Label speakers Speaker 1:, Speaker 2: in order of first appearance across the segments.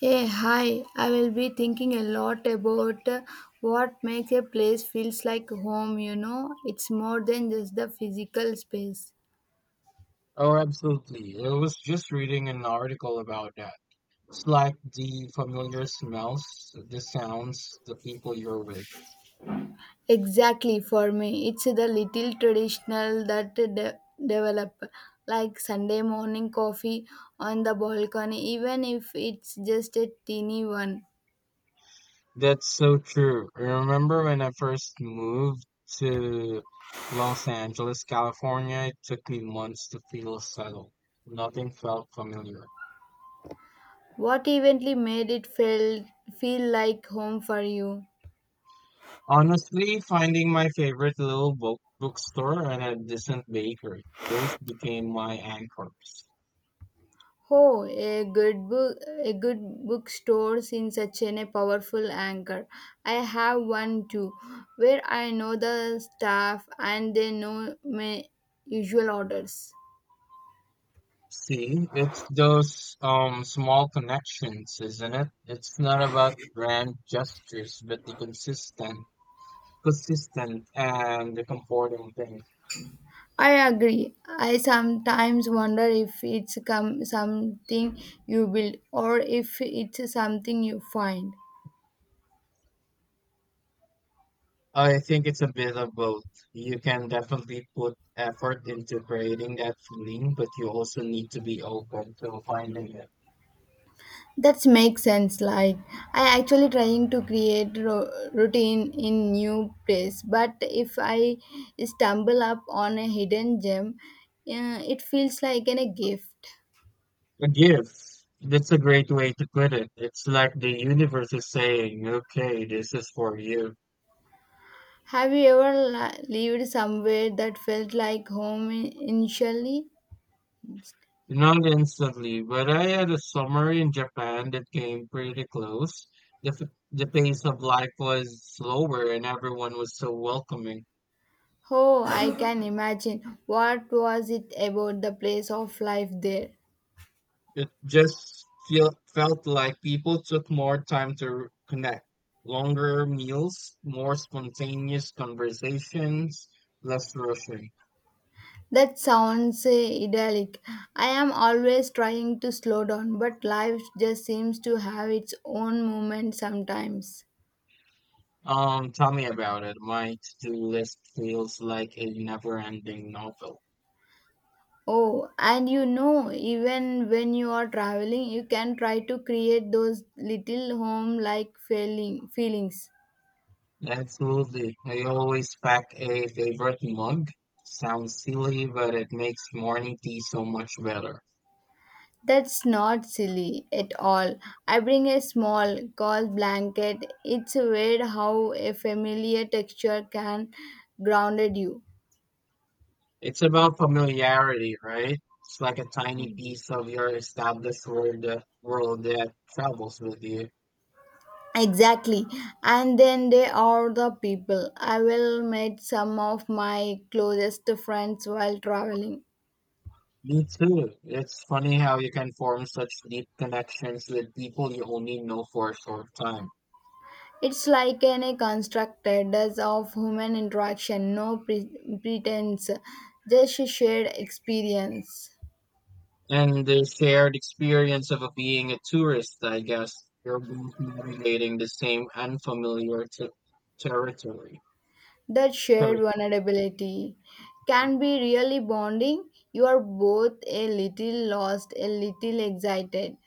Speaker 1: Hey, hi. I will be thinking a lot about what makes a place feels like home, you know. It's more than just the physical space.
Speaker 2: Oh, absolutely. I was just reading an article about that. It's like the familiar smells, the sounds, the people you're with.
Speaker 1: Exactly for me. It's the little traditional that develop like Sunday morning coffee on the balcony even if it's just a teeny one.
Speaker 2: That's so true. I remember when I first moved to Los Angeles, California, it took me months to feel settled. Nothing felt familiar.
Speaker 1: What eventually made it feel like home for you?
Speaker 2: Honestly, finding my favorite little bookstore and a decent bakery, those became my anchors.
Speaker 1: Oh, a good book, a good bookstore in such a powerful anchor. I have one too, where I know the staff and they know my usual orders.
Speaker 2: See, it's those small connections, isn't it? It's not about grand gestures, but the consistent and the comforting thing.
Speaker 1: I agree. I sometimes wonder if it's come something you build or if it's something you find.
Speaker 2: I think it's a bit of both. You can definitely put effort into creating that feeling, but you also need to be open to finding it.
Speaker 1: That makes sense. Like I actually trying to create routine in new place, but if I stumble up on a hidden gem, it feels like a gift.
Speaker 2: A gift. That's a great way to put it. It's like the universe is saying, okay, this is for you.
Speaker 1: Have you ever lived somewhere that felt like home initially?
Speaker 2: Not instantly, but I had a summer in Japan that came pretty close. The pace of life was slower and everyone was so welcoming.
Speaker 1: Oh, I can imagine. What was it about the place of life there?
Speaker 2: It just felt like people took more time to connect. Longer meals, more spontaneous conversations, less rushing.
Speaker 1: That sounds idyllic. I am always trying to slow down, but life just seems to have its own movement sometimes.
Speaker 2: Tell me about it. My to-do list feels like a never-ending novel.
Speaker 1: Oh, and you know, even when you are traveling, you can try to create those little home like feelings.
Speaker 2: Absolutely. I always pack a favorite mug. Sounds silly, but it makes morning tea so much better.
Speaker 1: That's not silly at all. I bring a small, cold blanket. It's weird how a familiar texture can grounded you.
Speaker 2: It's about familiarity, right? It's like a tiny piece of your established world, world that travels with you.
Speaker 1: Exactly. And then they are the people. I will meet some of my closest friends while traveling.
Speaker 2: Me too. It's funny how you can form such deep connections with people you only know for a short time.
Speaker 1: It's like any constructed does of human interaction, no pretense, just a shared experience.
Speaker 2: And the shared experience of being a tourist, I guess. You're both navigating the same unfamiliar t- territory.
Speaker 1: That shared
Speaker 2: Territory.
Speaker 1: vulnerability can be really bonding. You are both a little lost, a little excited.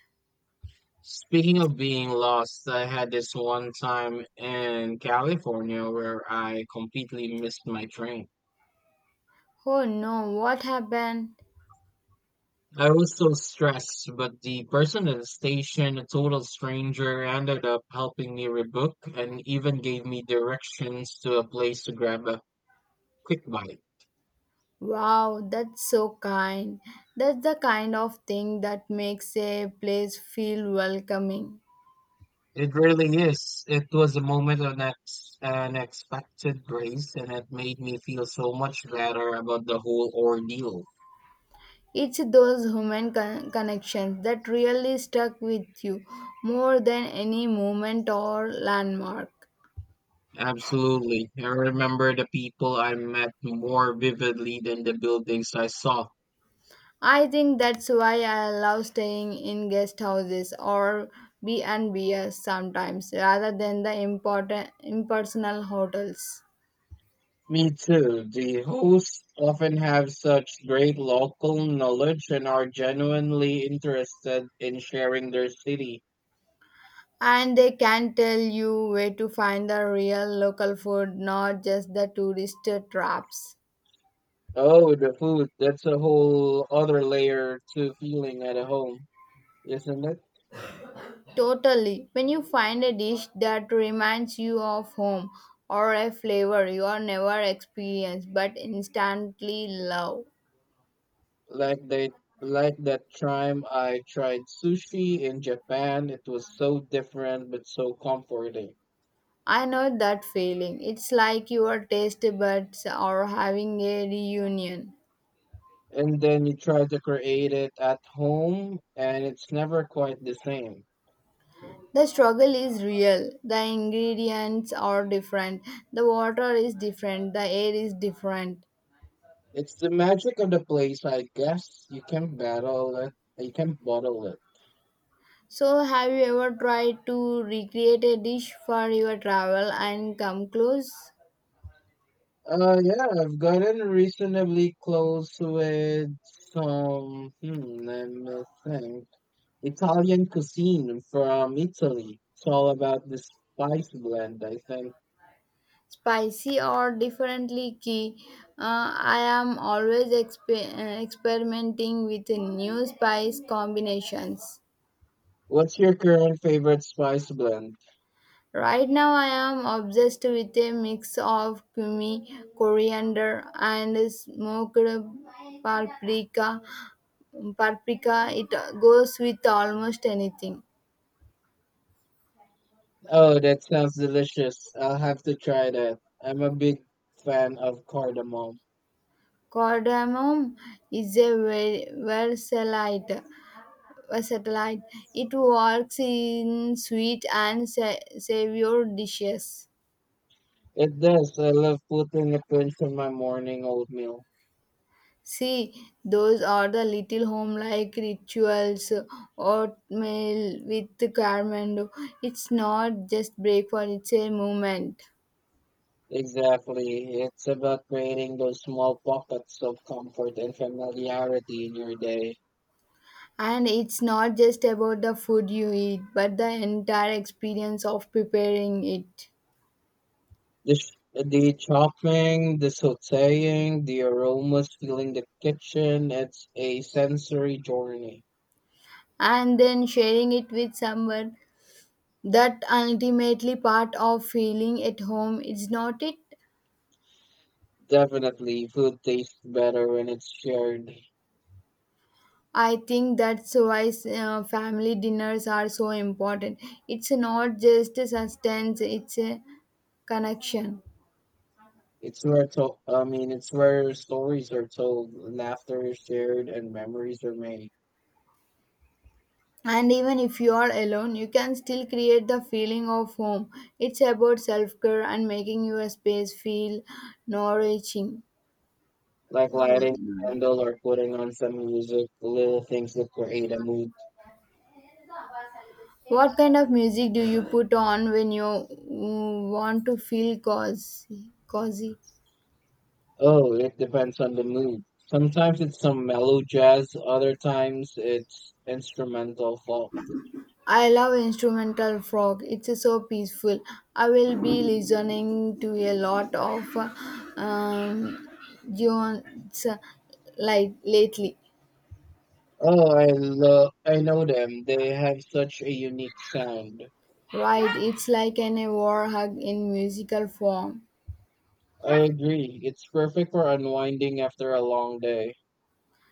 Speaker 2: Speaking of being lost, I had this one time in California where I completely missed my train.
Speaker 1: Oh no, what happened?
Speaker 2: I was so stressed, but the person at the station, a total stranger, ended up helping me rebook and even gave me directions to a place to grab a quick bite.
Speaker 1: Wow, that's so kind. That's the kind of thing that makes a place feel welcoming.
Speaker 2: It really is. It was a moment of ex unexpected grace, and it made me feel so much better about the whole ordeal.
Speaker 1: It's those human connections that really stuck with you more than any moment or landmark.
Speaker 2: Absolutely. I remember the people I met more vividly than the buildings I saw.
Speaker 1: I think that's why I love staying in guest houses or B&Bs sometimes rather than the important impersonal hotels.
Speaker 2: Me too. The hosts often have such great local knowledge and are genuinely interested in sharing their city.
Speaker 1: And they can tell you where to find the real local food, not just the tourist traps.
Speaker 2: Oh, the food. That's a whole other layer to feeling at home, isn't it?
Speaker 1: Totally. When you find a dish that reminds you of home or a flavor you are never experienced but instantly love.
Speaker 2: Like they like that time I tried sushi in Japan, it was so different but so comforting.
Speaker 1: I know that feeling. It's like your taste buds are having a reunion.
Speaker 2: And then you try to create it at home and it's never quite the same.
Speaker 1: The struggle is real. The ingredients are different. The water is different. The air is different.
Speaker 2: It's the magic of the place, I guess. You can battle it, you can bottle it.
Speaker 1: So, have you ever tried to recreate a dish for your travel and come close?
Speaker 2: Yeah, I've gotten reasonably close with some let me think. Italian cuisine from Italy. It's all about the spice blend, I think.
Speaker 1: Spicy or differently key? I am always experimenting with new spice combinations.
Speaker 2: What's your current favorite spice blend?
Speaker 1: Right now, I am obsessed with a mix of cumin, coriander, and smoked paprika. Paprika, it goes with almost anything.
Speaker 2: Oh, that sounds delicious. I'll have to try that. I'm a big fan of cardamom.
Speaker 1: Cardamom is a versalite. Versalite. It works in sweet and savour dishes.
Speaker 2: It does. I love putting a pinch in my morning oatmeal.
Speaker 1: See, those are the little home-like rituals. Oatmeal with caramel. It's not just breakfast; it's a movement.
Speaker 2: Exactly. It's about creating those small pockets of comfort and familiarity in your day.
Speaker 1: And it's not just about the food you eat, but the entire experience of preparing it
Speaker 2: The chopping, the sautéing, the aromas filling the kitchen, it's a sensory journey.
Speaker 1: and then sharing it with someone that ultimately part of feeling at home is not it.
Speaker 2: Definitely, food tastes better when it's shared.
Speaker 1: I think that's why family dinners are so important. It's not just a sustenance, it's a connection.
Speaker 2: I mean, it's where stories are told, laughter is shared, and memories are made.
Speaker 1: And even if you are alone you can still create the feeling of home. It's about self-care and making your space feel nourishing.
Speaker 2: Like lighting a candle or putting on some music, little things that create a mood.
Speaker 1: What kind of music do you put on when you want to feel cozy?
Speaker 2: Oh, it depends on the mood. Sometimes it's some mellow jazz, other times it's instrumental folk.
Speaker 1: I love instrumental frog. It's so peaceful. I will be listening to a lot of um, tunes like lately.
Speaker 2: I know them. They have such a unique sound.
Speaker 1: Right, it's like an a war hug in musical form.
Speaker 2: I agree. It's perfect for unwinding after a long day.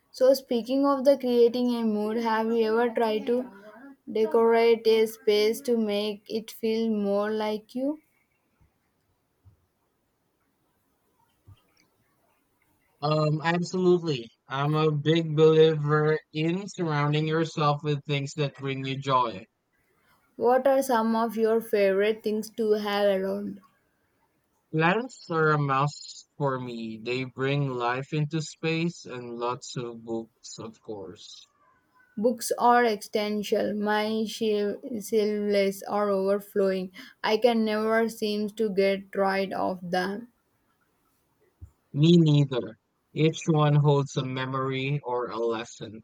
Speaker 1: So speaking of the creating a mood, have you ever tried to decorate a space to make it feel more like you?
Speaker 2: Absolutely. I'm a big believer in surrounding yourself with things that bring you joy.
Speaker 1: What are some of your favorite things to have around?
Speaker 2: Plants are a must for me. They bring life into space and lots of books, of course.
Speaker 1: Books are existential. My shelves are overflowing. I can never seem to get rid of them.
Speaker 2: Me neither. Each one holds a memory or a lesson.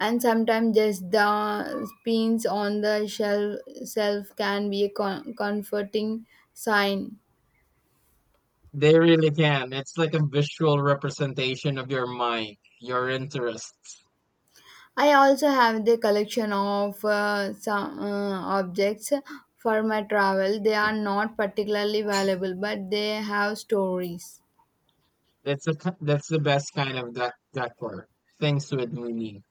Speaker 1: And sometimes just the pins on the shelf can be a comforting sign.
Speaker 2: They really can. It's like a visual representation of your mind, your interests.
Speaker 1: I also have the collection of some objects for my travel. They are not particularly valuable, but they have stories.
Speaker 2: That's the best kind of decor. Things with meaning.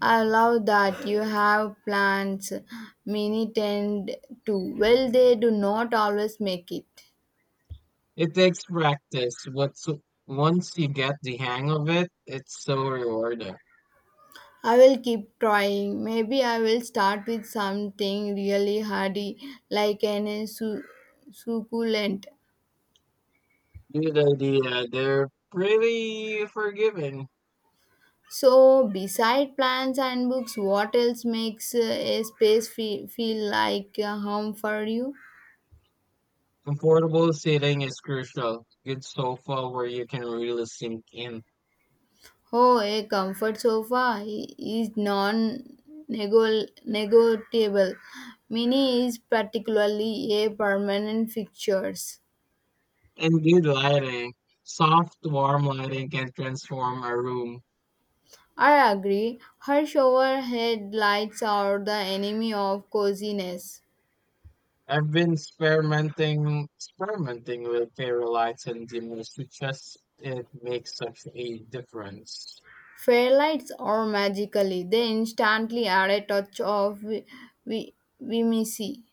Speaker 1: I love that you have plants, mini tend too. Well, they do not always make it.
Speaker 2: It takes practice. What's Once you get the hang of it, it's so rewarding.
Speaker 1: I will keep trying. Maybe I will start with something really hardy, like succulent.
Speaker 2: Good idea. They're pretty forgiving.
Speaker 1: So, beside plants and books, what else makes a space feel like a home for you?
Speaker 2: Comfortable seating is crucial. Good sofa where you can really sink in,
Speaker 1: Oh, a comfort sofa is non-negotiable. Mini is particularly a permanent fixtures.
Speaker 2: and good lighting. Soft, warm lighting can transform a room.
Speaker 1: I agree. Her shower head lights are the enemy of coziness.
Speaker 2: I've been experimenting with fairy lights and dimmers to just it makes such a difference.
Speaker 1: Fairlights are magically. They instantly add a touch of vi- vimisi.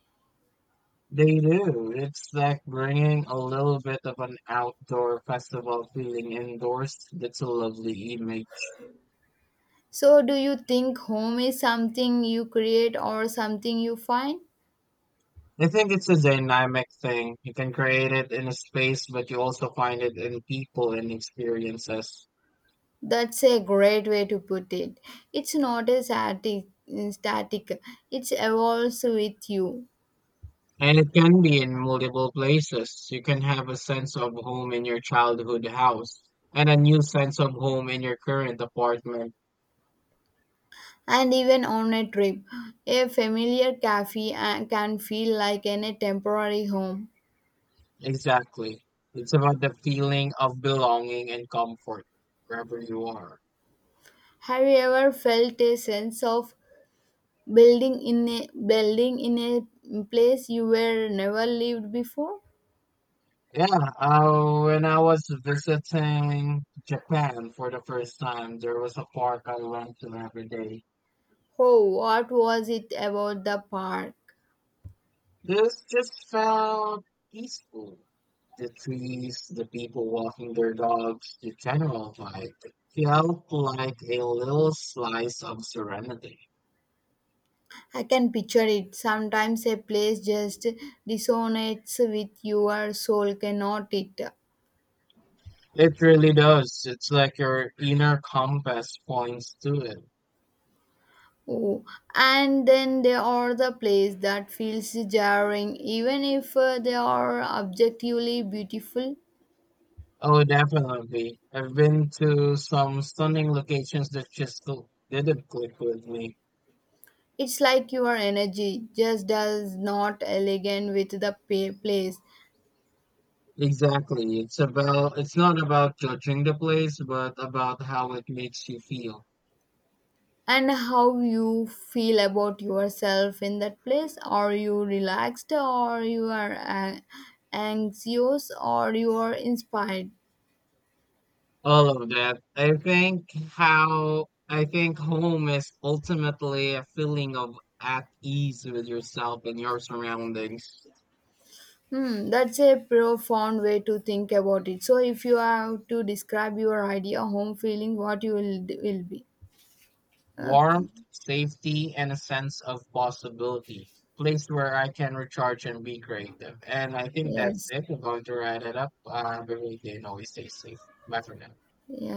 Speaker 2: They do. It's like bringing a little bit of an outdoor festival feeling indoors. That's a lovely image.
Speaker 1: So, do you think home is something you create or something you find?
Speaker 2: I think it's a dynamic thing. You can create it in a space, but you also find it in people and experiences.
Speaker 1: That's a great way to put it. It's not a static. It evolves with you.
Speaker 2: And it can be in multiple places. You can have a sense of home in your childhood house and a new sense of home in your current apartment.
Speaker 1: And even on a trip, a familiar cafe can feel like in a temporary home.
Speaker 2: Exactly. It's about the feeling of belonging and comfort wherever you are.
Speaker 1: Have you ever felt a sense of building in a place you were never lived before?
Speaker 2: Yeah, when I was visiting Japan for the first time, there was a park I went to every day.
Speaker 1: Oh, what was it about the park?
Speaker 2: This just felt peaceful. The trees, the people walking their dogs, the general vibe felt like a little slice of serenity.
Speaker 1: I can picture it. Sometimes a place just resonates with your soul, cannot it?
Speaker 2: It really does. It's like your inner compass points to it.
Speaker 1: Oh, and then there are the places that feels jarring, even if they are objectively beautiful.
Speaker 2: Oh, definitely. I've been to some stunning locations that just didn't click with me.
Speaker 1: It's like your energy just does not elegant with the place.
Speaker 2: It's not about judging the place, but about how it makes you feel.
Speaker 1: And how you feel about yourself in that place. Are you relaxed or you are anxious or you are inspired?
Speaker 2: All of that. I think home is ultimately a feeling of at ease with yourself and your surroundings.
Speaker 1: Hmm, that's a profound way to think about it. So, if you have to describe your idea, home feeling, what you will be. Okay.
Speaker 2: Warmth, safety, and a sense of possibility. Place where I can recharge and be creative. And I think that's
Speaker 1: Yes.
Speaker 2: it. We're going to wrap it up. Have a great always stay safe. Bye for now.
Speaker 1: Yeah.